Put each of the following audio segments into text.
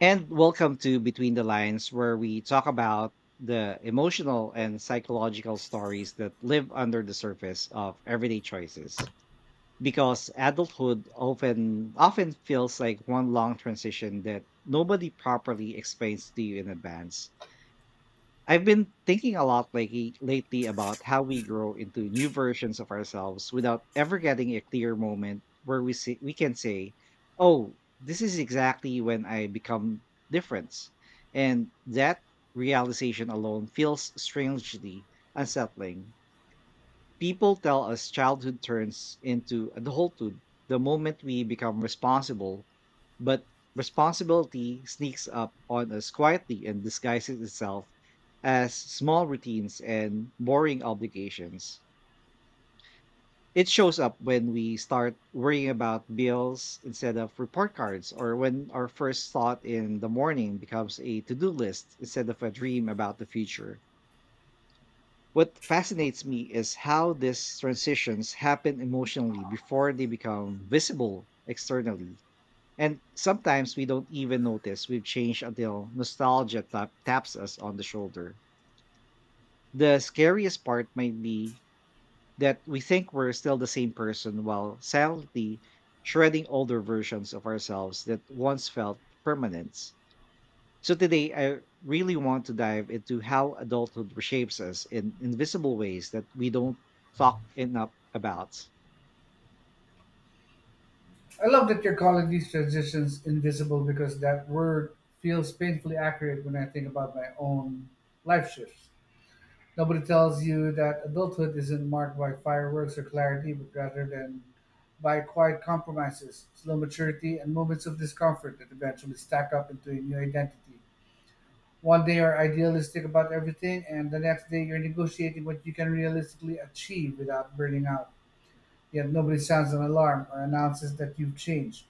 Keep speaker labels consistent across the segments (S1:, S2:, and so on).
S1: And welcome to Between the Lines, where we talk about the emotional and psychological stories that live under the surface of everyday choices. Because adulthood often feels like one long transition that nobody properly explains to you in advance. I've been thinking a lot lately about how we grow into new versions of ourselves without ever getting a clear moment where we see, we can say, "Oh, this is exactly when I become different." And that realization alone feels strangely unsettling. People tell us childhood turns into adulthood the moment we become responsible, but responsibility sneaks up on us quietly and disguises itself as small routines and boring obligations. It shows up when we start worrying about bills instead of report cards, or when our first thought in the morning becomes a to do list instead of a dream about the future. What fascinates me is how these transitions happen emotionally before they become visible externally. And sometimes we don't even notice we've changed until nostalgia taps us on the shoulder. The scariest part might be that we think we're still the same person while silently shredding older versions of ourselves that once felt permanent. So today, I really want to dive into how adulthood reshapes us in invisible ways that we don't talk enough about.
S2: I love that you're calling these transitions invisible because that word feels painfully accurate when I think about my own life shifts. Nobody tells you that adulthood isn't marked by fireworks or clarity, but rather than by quiet compromises, slow maturity, and moments of discomfort that eventually stack up into a new identity. One day you're idealistic about everything, and the next day you're negotiating what you can realistically achieve without burning out. Yet nobody sounds an alarm or announces that you've changed.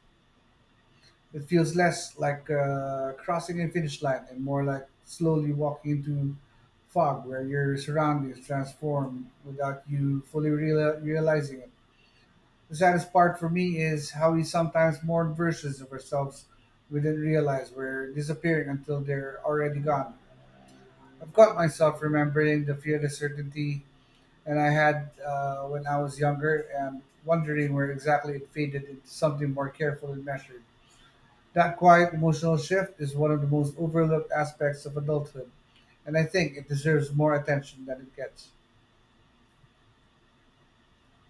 S2: It feels less like crossing a finish line and more like slowly walking into fog where your surroundings transform without you fully realizing it. The saddest part for me is how we sometimes mourn versions of ourselves we didn't realize were disappearing until they're already gone. I've caught myself remembering the fear of certainty and I had when I was younger and wondering where exactly it faded into something more careful and measured. That quiet emotional shift is one of the most overlooked aspects of adulthood, and I think it deserves more attention than it gets.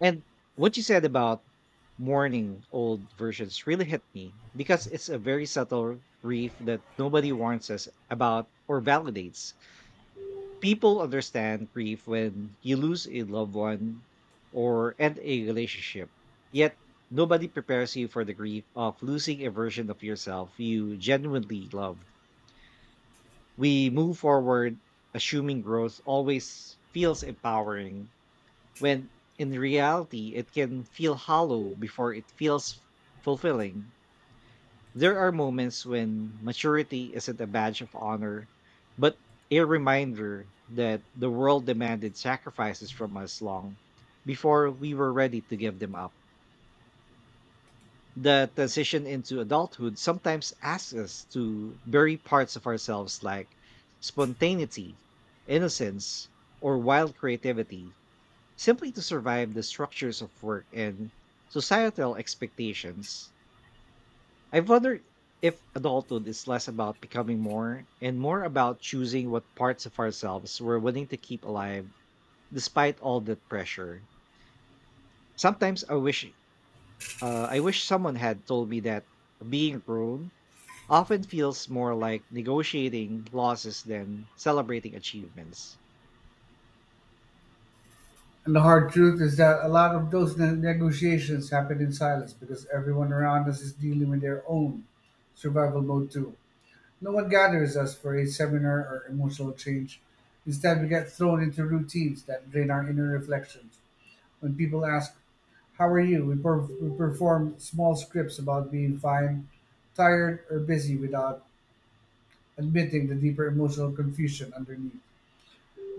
S1: And what you said about mourning old versions really hit me because it's a very subtle grief that nobody warns us about or validates. People understand grief when you lose a loved one or end a relationship, yet nobody prepares you for the grief of losing a version of yourself you genuinely loved. We move forward assuming growth always feels empowering, when in reality it can feel hollow before it feels fulfilling. There are moments when maturity isn't a badge of honor, but a reminder that the world demanded sacrifices from us long before we were ready to give them up. The transition into adulthood sometimes asks us to bury parts of ourselves, like spontaneity, innocence, or wild creativity, simply to survive the structures of work and societal expectations. I've wondered if adulthood is less about becoming more and more about choosing what parts of ourselves we're willing to keep alive despite all that pressure. Sometimes I wish, I wish someone had told me that being grown often feels more like negotiating losses than celebrating achievements.
S2: And the hard truth is that a lot of those negotiations happen in silence because everyone around us is dealing with their own survival mode too. No one gathers us for a seminar or emotional change. Instead, we get thrown into routines that drain our inner reflections. When people ask, "How are you?" We perform small scripts about being fine, tired, or busy without admitting the deeper emotional confusion underneath.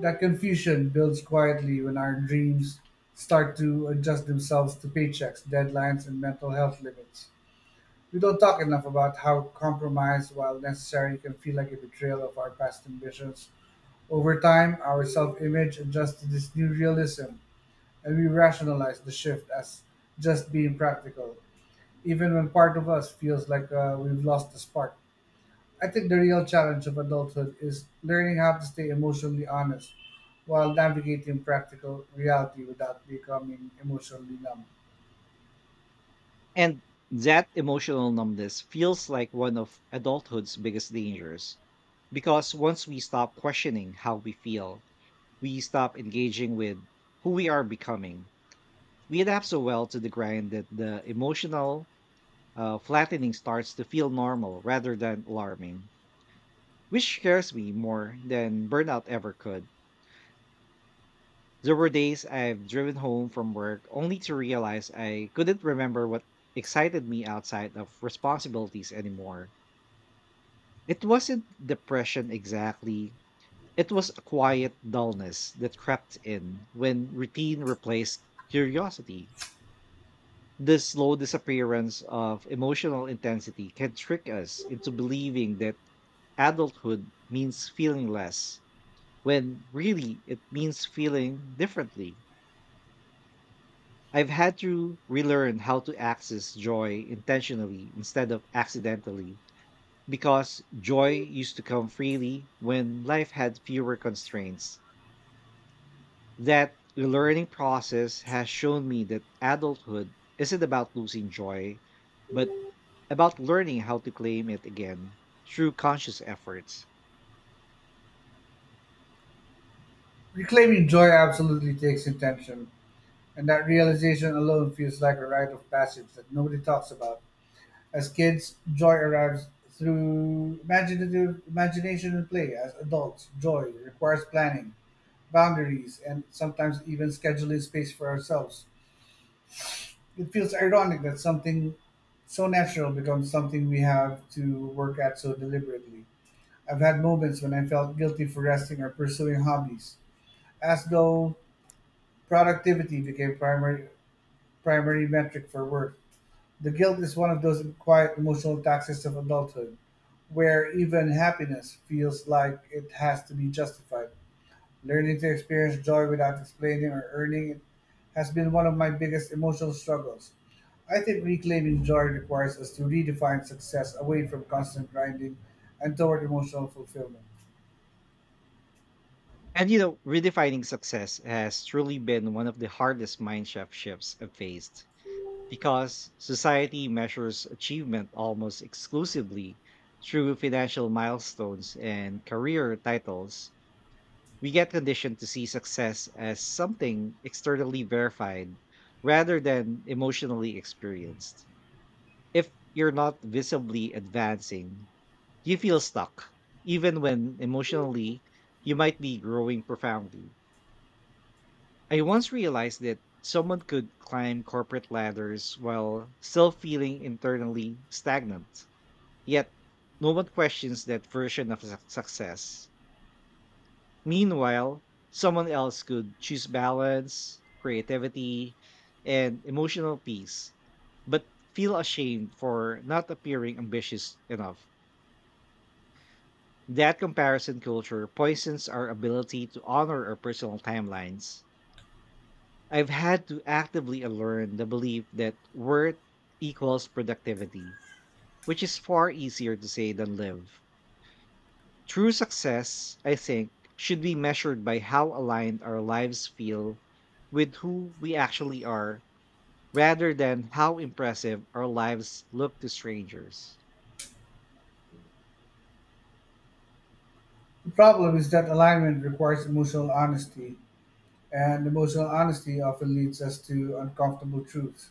S2: That confusion builds quietly when our dreams start to adjust themselves to paychecks, deadlines, and mental health limits. We don't talk enough about how compromise, while necessary, can feel like a betrayal of our past ambitions. Over time, our self image adjusts to this new realism, and we rationalize the shift as just being practical, even when part of us feels like we've lost the spark. I think the real challenge of adulthood is learning how to stay emotionally honest while navigating practical reality without becoming emotionally numb.
S1: And that emotional numbness feels like one of adulthood's biggest dangers, because once we stop questioning how we feel, we stop engaging with who we are becoming. We adapt so well to the grind that the emotional flattening starts to feel normal rather than alarming, which scares me more than burnout ever could. There were days I've driven home from work only to realize I couldn't remember what excited me outside of responsibilities anymore. It wasn't depression exactly, it was a quiet dullness that crept in when routine replaced curiosity. The slow disappearance of emotional intensity can trick us into believing that adulthood means feeling less, when really it means feeling differently. I've had to relearn how to access joy intentionally instead of accidentally, because joy used to come freely when life had fewer constraints. That learning process has shown me that adulthood isn't about losing joy, but about learning how to claim it again through conscious efforts.
S2: Reclaiming joy absolutely takes intention, and that realization alone feels like a rite of passage that nobody talks about. As kids, joy arrives through imaginative imagination and play. As adults, joy requires planning, boundaries, and sometimes even scheduling space for ourselves. It feels ironic that something so natural becomes something we have to work at so deliberately. I've had moments when I felt guilty for resting or pursuing hobbies, as though productivity became primary metric for work. The guilt is one of those quiet emotional taxes of adulthood, where even happiness feels like it has to be justified. Learning to experience joy without explaining or earning it has been one of my biggest emotional struggles. I think reclaiming joy requires us to redefine success away from constant grinding and toward emotional fulfillment.
S1: And you know, redefining success has truly been one of the hardest mind shifts I've faced. Because society measures achievement almost exclusively through financial milestones and career titles, we get conditioned to see success as something externally verified rather than emotionally experienced. If you're not visibly advancing, you feel stuck, even when emotionally you might be growing profoundly. I once realized that someone could climb corporate ladders while still feeling internally stagnant. Yet, no one questions that version of success. Meanwhile, someone else could choose balance, creativity, and emotional peace, but feel ashamed for not appearing ambitious enough. That comparison culture poisons our ability to honor our personal timelines. I've had to actively unlearn the belief that worth equals productivity, which is far easier to say than live. True success, I think, should be measured by how aligned our lives feel with who we actually are, rather than how impressive our lives look to strangers.
S2: The problem is that alignment requires emotional honesty, and emotional honesty often leads us to uncomfortable truths.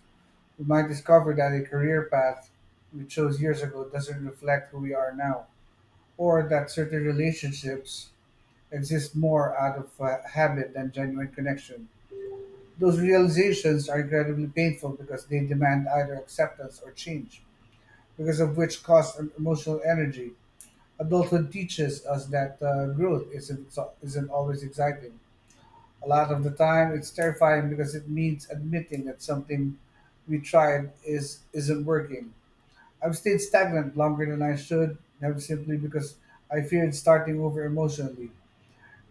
S2: We might discover that a career path we chose years ago doesn't reflect who we are now, or that certain relationships exist more out of habit than genuine connection. Those realizations are incredibly painful because they demand either acceptance or change, because of which cost emotional energy. Adulthood teaches us that growth isn't always exciting. A lot of the time, it's terrifying because it means admitting that something we tried is isn't working. I've stayed stagnant longer than I should, have simply because I feared starting over emotionally.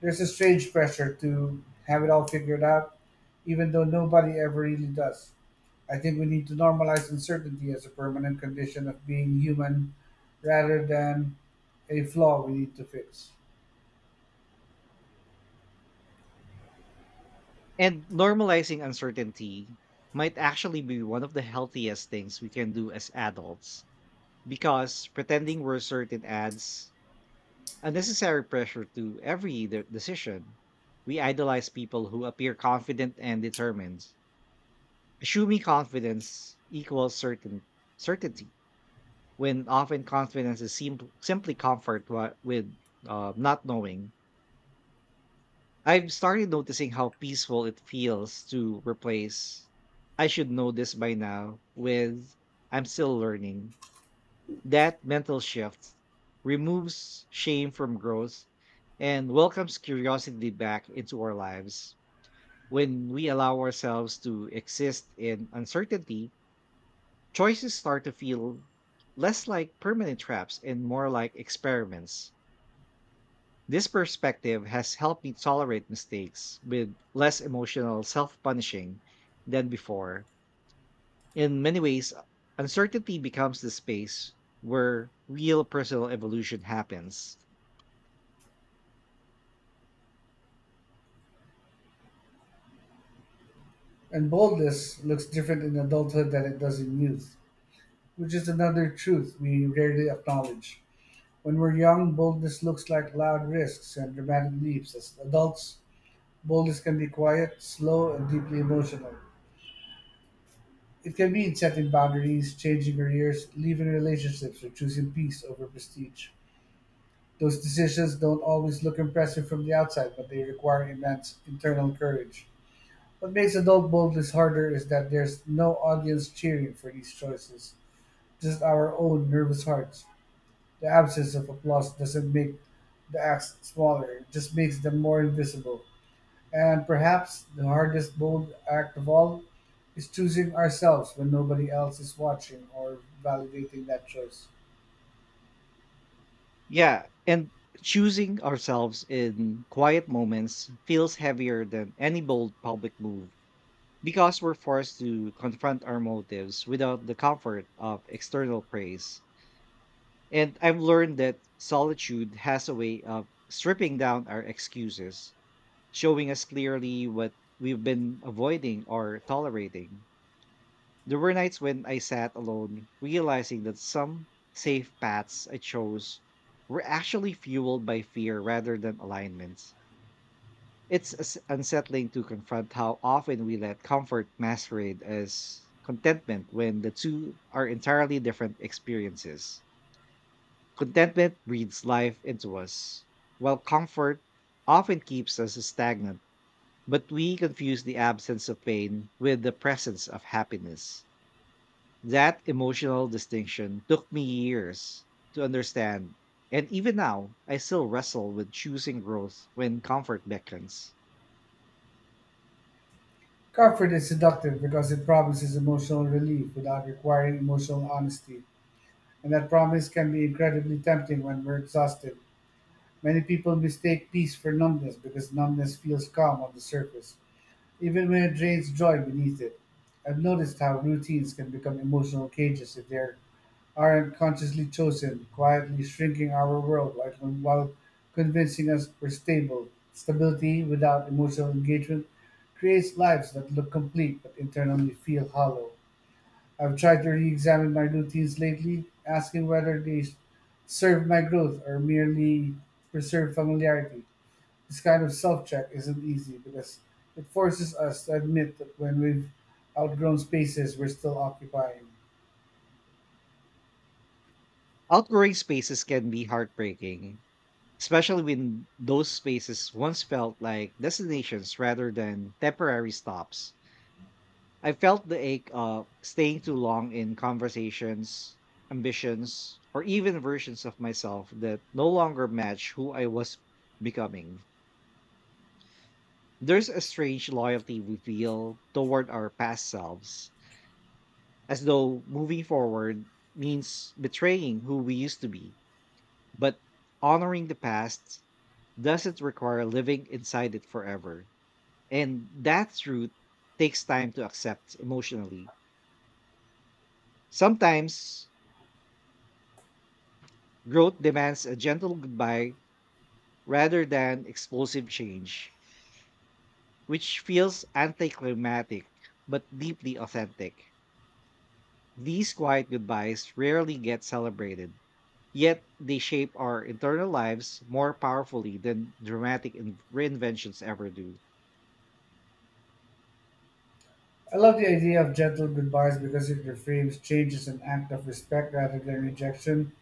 S2: There's a strange pressure to have it all figured out, even though nobody ever really does. I think we need to normalize uncertainty as a permanent condition of being human rather than a flaw we need to fix.
S1: And normalizing uncertainty might actually be one of the healthiest things we can do as adults, because pretending we're certain adds unnecessary pressure to every decision. We idolize people who appear confident and determined, assuming confidence equals certainty, when often confidence is simply comfort with, not knowing. I've started noticing how peaceful it feels to replace "I should know this by now" with "I'm still learning." That mental shift removes shame from growth and welcomes curiosity back into our lives. When we allow ourselves to exist in uncertainty, choices start to feel less like permanent traps and more like experiments. This perspective has helped me tolerate mistakes with less emotional self punishing than before. In many ways, uncertainty becomes the space where real personal evolution happens.
S2: And boldness looks different in adulthood than it does in youth, which is another truth we rarely acknowledge. When we're young, boldness looks like loud risks and dramatic leaps. As adults, boldness can be quiet, slow, and deeply emotional. It can mean setting boundaries, changing careers, leaving relationships, or choosing peace over prestige. Those decisions don't always look impressive from the outside, but they require immense internal courage. What makes adult boldness harder is that there's no audience cheering for these choices, just our own nervous hearts. The absence of applause doesn't make the acts smaller, it just makes them more invisible. And perhaps the hardest bold act of all is choosing ourselves when nobody else is watching or validating that choice.
S1: Yeah, and choosing ourselves in quiet moments feels heavier than any bold public move, because we're forced to confront our motives without the comfort of external praise. And I've learned that solitude has a way of stripping down our excuses, showing us clearly what we've been avoiding or tolerating. There were nights when I sat alone, realizing that some safe paths I chose were actually fueled by fear rather than alignments. It's unsettling to confront how often we let comfort masquerade as contentment when the two are entirely different experiences. Contentment breathes life into us, while comfort often keeps us stagnant, but we confuse the absence of pain with the presence of happiness. That emotional distinction took me years to understand. And even now, I still wrestle with choosing growth when comfort beckons.
S2: Comfort is seductive because it promises emotional relief without requiring emotional honesty, and that promise can be incredibly tempting when we're exhausted. Many people mistake peace for numbness because numbness feels calm on the surface, even when it drains joy beneath it. I've noticed how routines can become emotional cages if they're aren't consciously chosen, quietly shrinking our world while convincing us we're stable. Stability without emotional engagement creates lives that look complete but internally feel hollow. I've tried to re examine my routines lately, asking whether they serve my growth or merely preserve familiarity. This kind of self check isn't easy because it forces us to admit that when we've outgrown spaces we're still occupying.
S1: Outgrowing spaces can be heartbreaking, especially when those spaces once felt like destinations rather than temporary stops. I felt the ache of staying too long in conversations, ambitions, or even versions of myself that no longer match who I was becoming. There's a strange loyalty we feel toward our past selves, as though moving forward means betraying who we used to be. But honoring the past doesn't require living inside it forever. And that truth takes time to accept emotionally. Sometimes growth demands a gentle goodbye rather than explosive change, which feels anticlimactic but deeply authentic. These quiet goodbyes rarely get celebrated, yet they shape our internal lives more powerfully than dramatic reinventions ever do.
S2: I love the idea of gentle goodbyes because it reframes change as an act of respect rather than rejection.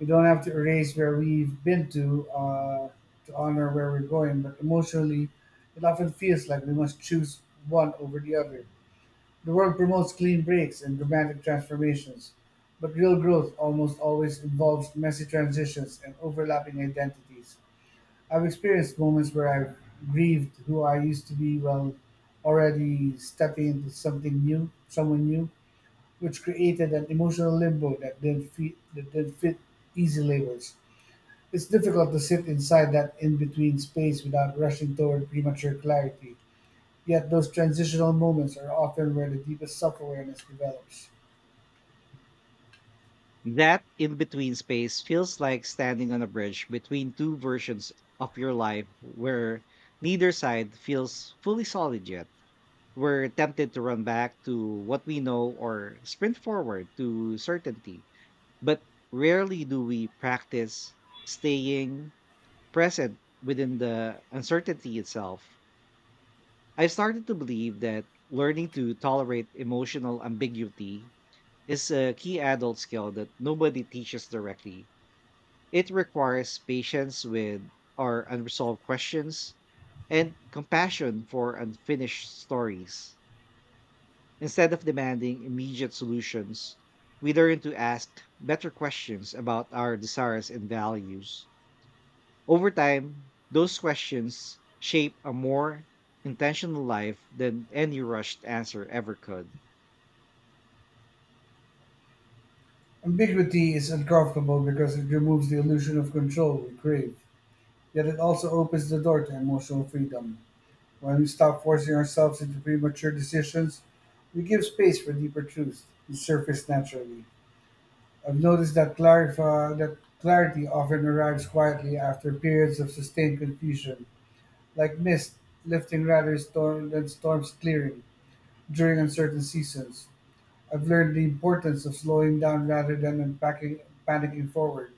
S2: We don't have to erase where we've been to honor where we're going, but emotionally, it often feels like we must choose one over the other. The world promotes clean breaks and dramatic transformations, but real growth almost always involves messy transitions and overlapping identities. I've experienced moments where I've grieved who I used to be while already stepping into something new, someone new, which created an emotional limbo that didn't fit easy labels. It's difficult to sit inside that in-between space without rushing toward premature clarity. Yet those transitional moments are often where the deepest self-awareness develops.
S1: That in between space feels like standing on a bridge between two versions of your life where neither side feels fully solid yet. We're tempted to run back to what we know or sprint forward to certainty, but rarely do we practice staying present within the uncertainty itself. I've started to believe that learning to tolerate emotional ambiguity is a key adult skill that nobody teaches directly. It requires patience with our unresolved questions and compassion for unfinished stories. Instead of demanding immediate solutions, we learn to ask better questions about our desires and values. Over time, those questions shape a more intentional life than any rushed answer ever could.
S2: Ambiguity is uncomfortable because it removes the illusion of control we crave, yet it also opens the door to emotional freedom. When we stop forcing ourselves into premature decisions, we give space for deeper truths to surface naturally. I've noticed that clarity often arrives quietly after periods of sustained confusion, like mist lifting than storms clearing during uncertain seasons. I've learned the importance of slowing down rather than unpacking, panicking forward.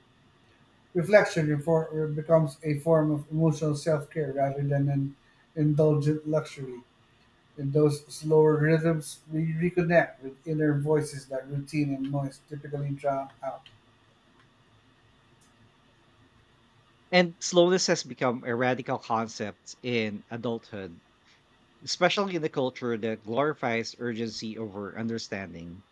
S2: Becomes a form of emotional self care rather than an indulgent luxury. In those slower rhythms, we reconnect with inner voices that routine and noise typically drown out.
S1: And slowness has become a radical concept in adulthood, especially in a culture that glorifies urgency over understanding.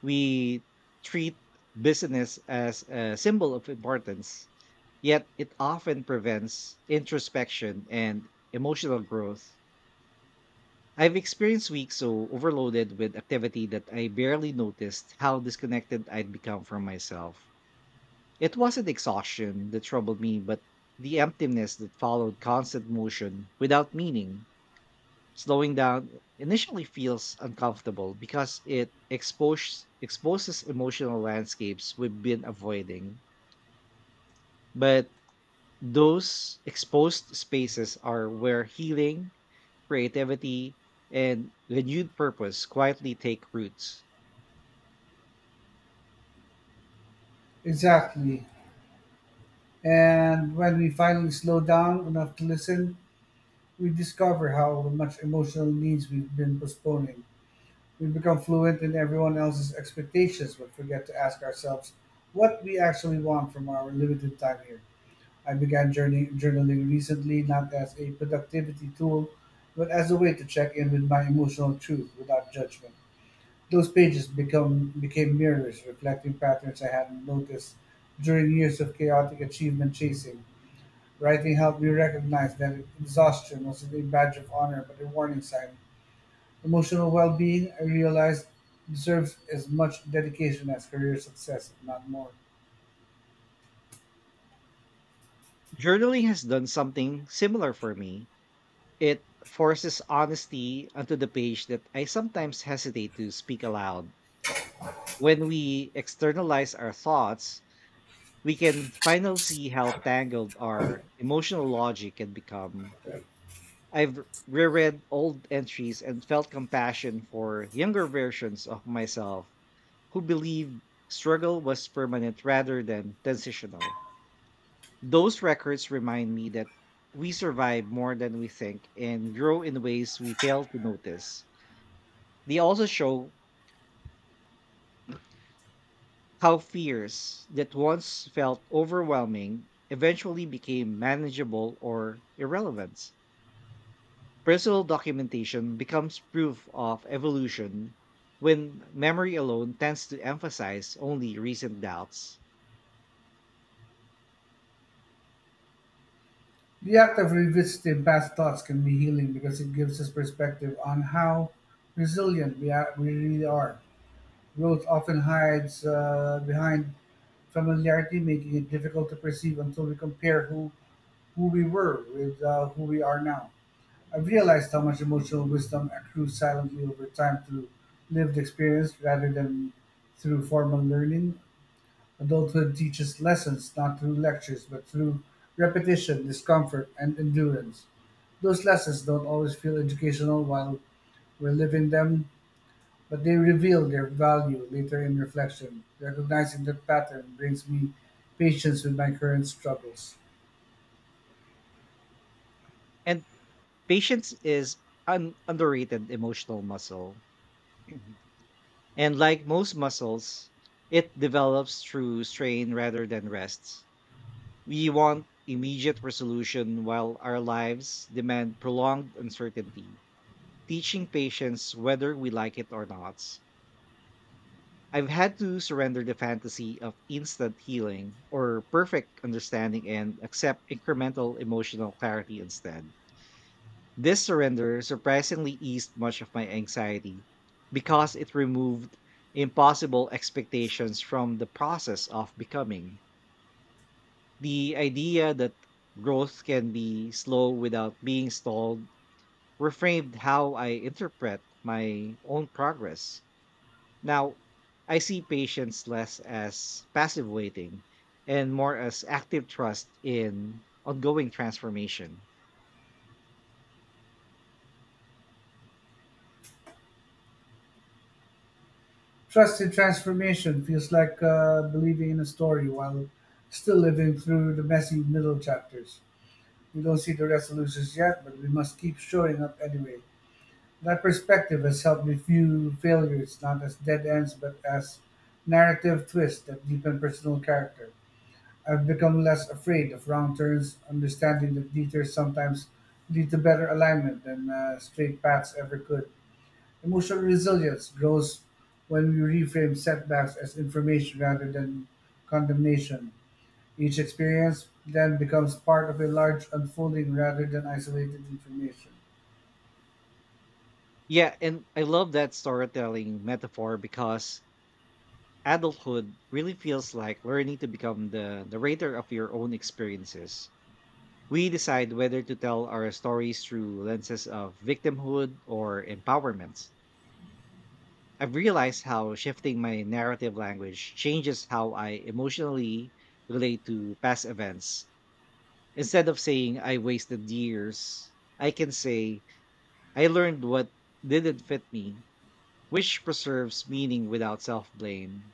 S1: We treat business as a symbol of importance, yet it often prevents introspection and emotional growth. I've experienced weeks so overloaded with activity that I barely noticed how disconnected I'd become from myself. It wasn't exhaustion that troubled me, but the emptiness that followed constant motion without meaning. Slowing down initially feels uncomfortable because it exposes emotional landscapes we've been avoiding. But those exposed spaces are where healing, creativity, and renewed purpose quietly take roots.
S2: Exactly. And when we finally slow down enough to listen, we discover how much emotional needs we've been postponing. We become fluent in everyone else's expectations, but forget to ask ourselves what we actually want from our limited time here. I began journaling recently, not as a productivity tool, but as a way to check in with my emotional truth without judgment. Those pages become became mirrors, reflecting patterns I hadn't noticed during years of chaotic achievement chasing. Writing helped me recognize that exhaustion wasn't a badge of honor but a warning sign. Emotional well being, I realized, deserves as much dedication as career success, if not more.
S1: Journaling has done something similar for me. It forces honesty onto the page that I sometimes hesitate to speak aloud. When we externalize our thoughts, we can finally see how tangled our emotional logic can become. I've reread old entries and felt compassion for younger versions of myself who believed struggle was permanent rather than transitional. Those records remind me that we survive more than we think and grow in ways we fail to notice. They also show how fears that once felt overwhelming eventually became manageable or irrelevant. Personal documentation becomes proof of evolution when memory alone tends to emphasize only recent doubts.
S2: The act of revisiting past thoughts can be healing because it gives us perspective on how resilient we really are. Growth often hides behind familiarity making it difficult to perceive until we compare who we were with who we are now. I've realized how much emotional wisdom accrues silently over time through lived experience rather than through formal learning. Adulthood teaches lessons not through lectures but through repetition, discomfort, and endurance. Those lessons don't always feel educational while we're living them, but they reveal their value later in reflection. Recognizing that pattern brings me patience with my current struggles.
S1: And patience is an underrated emotional muscle. Mhm. And like most muscles, it develops through strain rather than rests. We want immediate resolution while our lives demand prolonged uncertainty, teaching patience whether we like it or not. I've had to surrender the fantasy of instant healing or perfect understanding and accept incremental emotional clarity instead. This surrender surprisingly eased much of my anxiety, because it removed impossible expectations from the process of becoming. The idea that growth can be slow without being stalled reframed how I interpret my own progress. Now, I see patience less as passive waiting and more as active trust in ongoing transformation.
S2: Trust in transformation feels like believing in a story while still living through the messy middle chapters. We don't see the resolutions yet, but we must keep showing up anyway. That perspective has helped me view failures not as dead ends but as narrative twists that deepen personal character. I've become less afraid of wrong turns, understanding that detours sometimes lead to better alignment than straight paths ever could. Emotional resilience grows when we reframe setbacks as information rather than condemnation. Each experience then becomes part of a large unfolding rather than isolated information.
S1: Yeah, and I love that storytelling metaphor, because adulthood really feels like learning to become the narrator of your own experiences. We decide whether to tell our stories through lenses of victimhood or empowerment. I've realized how shifting my narrative language changes how I emotionally relate to past events. Instead of saying I wasted years, I can say I learned what didn't fit me, which preserves meaning without self blame.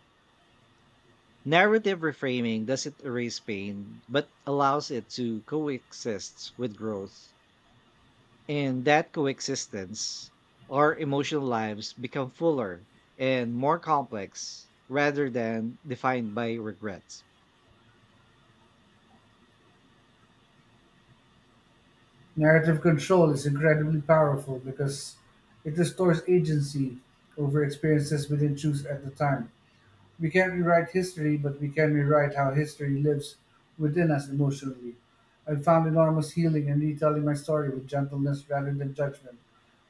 S1: Narrative reframing doesn't erase pain, but allows it to coexist with growth. In that coexistence, our emotional lives become fuller and more complex rather than defined by regrets.
S2: Narrative control is incredibly powerful because it restores agency over experiences we didn't choose at the time. We can't rewrite history, but we can rewrite how history lives within us emotionally. I found enormous healing in retelling my story with gentleness rather than judgment.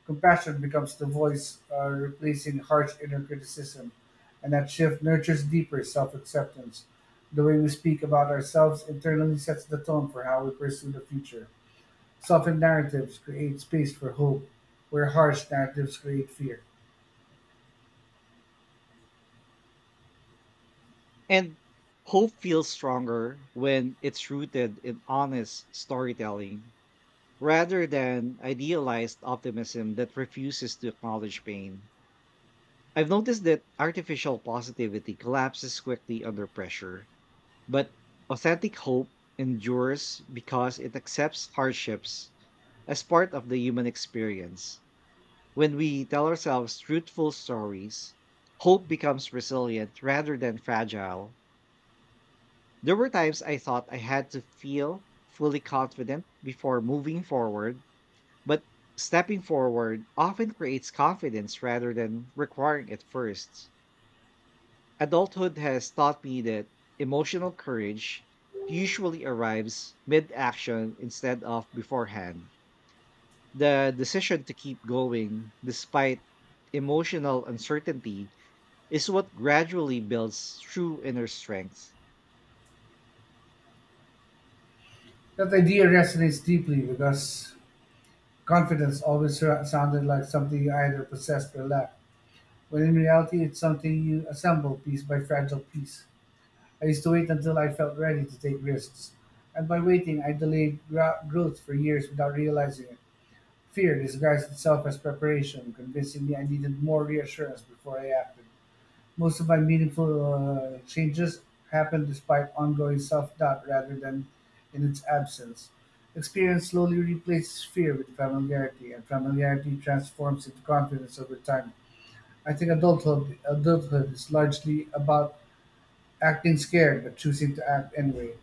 S2: Compassion becomes the voice replacing harsh inner criticism, and that shift nurtures deeper self acceptance. The way we speak about ourselves internally sets the tone for how we pursue the future. Softened narratives create space for hope, where harsh narratives create fear.
S1: And hope feels stronger when it's rooted in honest storytelling rather than idealized optimism that refuses to acknowledge pain. I've noticed that artificial positivity collapses quickly under pressure, but authentic hope endures because it accepts hardships as part of the human experience. When we tell ourselves truthful stories, hope becomes resilient rather than fragile. There were times I thought I had to feel fully confident before moving forward, but stepping forward often creates confidence rather than requiring it first. Adulthood has taught me that emotional courage usually arrives mid action instead of beforehand. The decision to keep going despite emotional uncertainty is what gradually builds true inner strength.
S2: That idea resonates deeply with us. Confidence always sounded like something you either possessed or lacked, when in reality it's something you assemble piece by fragile piece. I used to wait until I felt ready to take risks, and by waiting, I delayed growth for years without realizing it. Fear disguised itself as preparation, convincing me I needed more reassurance before I acted. Most of my meaningful changes happen despite ongoing self doubt rather than in its absence. Experience slowly replaces fear with familiarity, and familiarity transforms into confidence over time. I think adulthood is largely about acting scared but choosing to act anyway.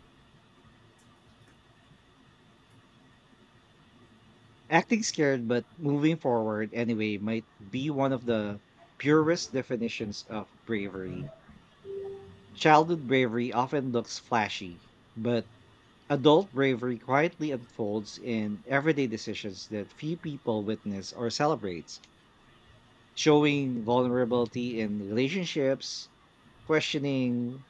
S1: Acting scared but moving forward anyway might be one of the purest definitions of bravery. Childhood bravery often looks flashy, but adult bravery quietly unfolds in everyday decisions that few people witness or celebrate. Showing vulnerability in relationships, questioning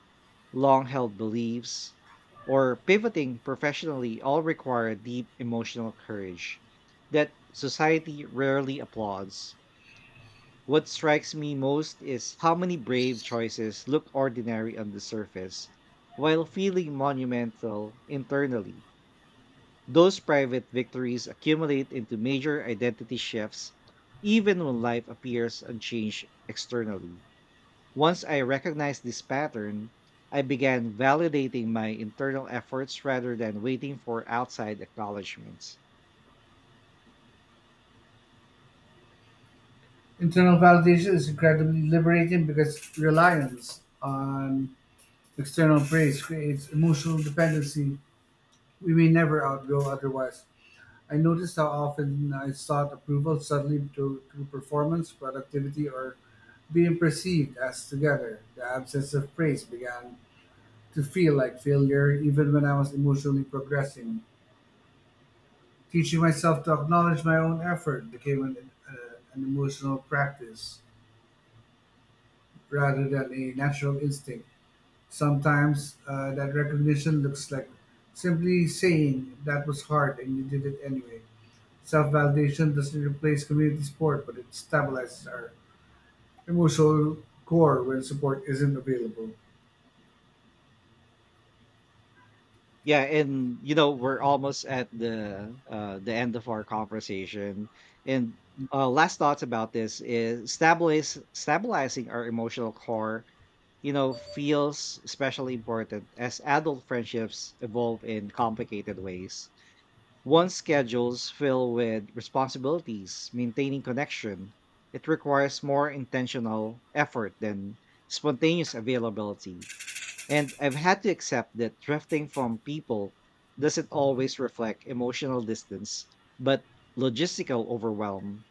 S1: long held beliefs, or pivoting professionally all require deep emotional courage that society rarely applauds. What strikes me most is how many brave choices look ordinary on the surface while feeling monumental internally. Those private victories accumulate into major identity shifts, even when life appears unchanged externally. Once I recognized this pattern, I began validating my internal efforts rather than waiting for outside acknowledgments.
S2: Internal validation is incredibly liberating because reliance on external praise creates emotional dependency we may never outgrow otherwise. I noticed how often I sought approval suddenly through performance, productivity, or being perceived as together. The absence of praise began to feel like failure, even when I was emotionally progressing. Teaching myself to acknowledge my own effort became an emotional practice rather than a natural instinct. Sometimes that recognition looks like simply saying that was hard and you did it anyway. Self-validation doesn't replace community support, but it stabilizes our emotional core when support isn't available.
S1: Yeah, and you know we're almost at the end of our conversation, and, last thoughts about this is stabilizing our emotional core, feels especially important as adult friendships evolve in complicated ways. Once schedules fill with responsibilities, maintaining connection, it requires more intentional effort than spontaneous availability. And I've had to accept that drifting from people doesn't always reflect emotional distance, but logistical overwhelm.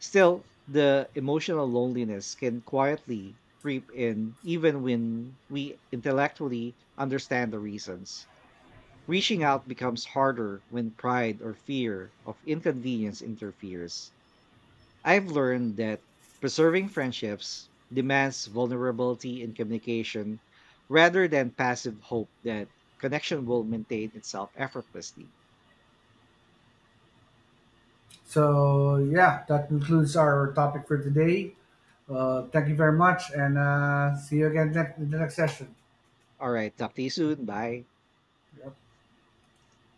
S1: Still, the emotional loneliness can quietly creep in even when we intellectually understand the reasons. Reaching out becomes harder when pride or fear of inconvenience interferes. I've learned that preserving friendships demands vulnerability in communication rather than passive hope that connection will maintain itself effortlessly.
S2: So yeah, that concludes our topic for today. Thank you very much, and see you again in the next session.
S1: All right, talk to you soon. Bye.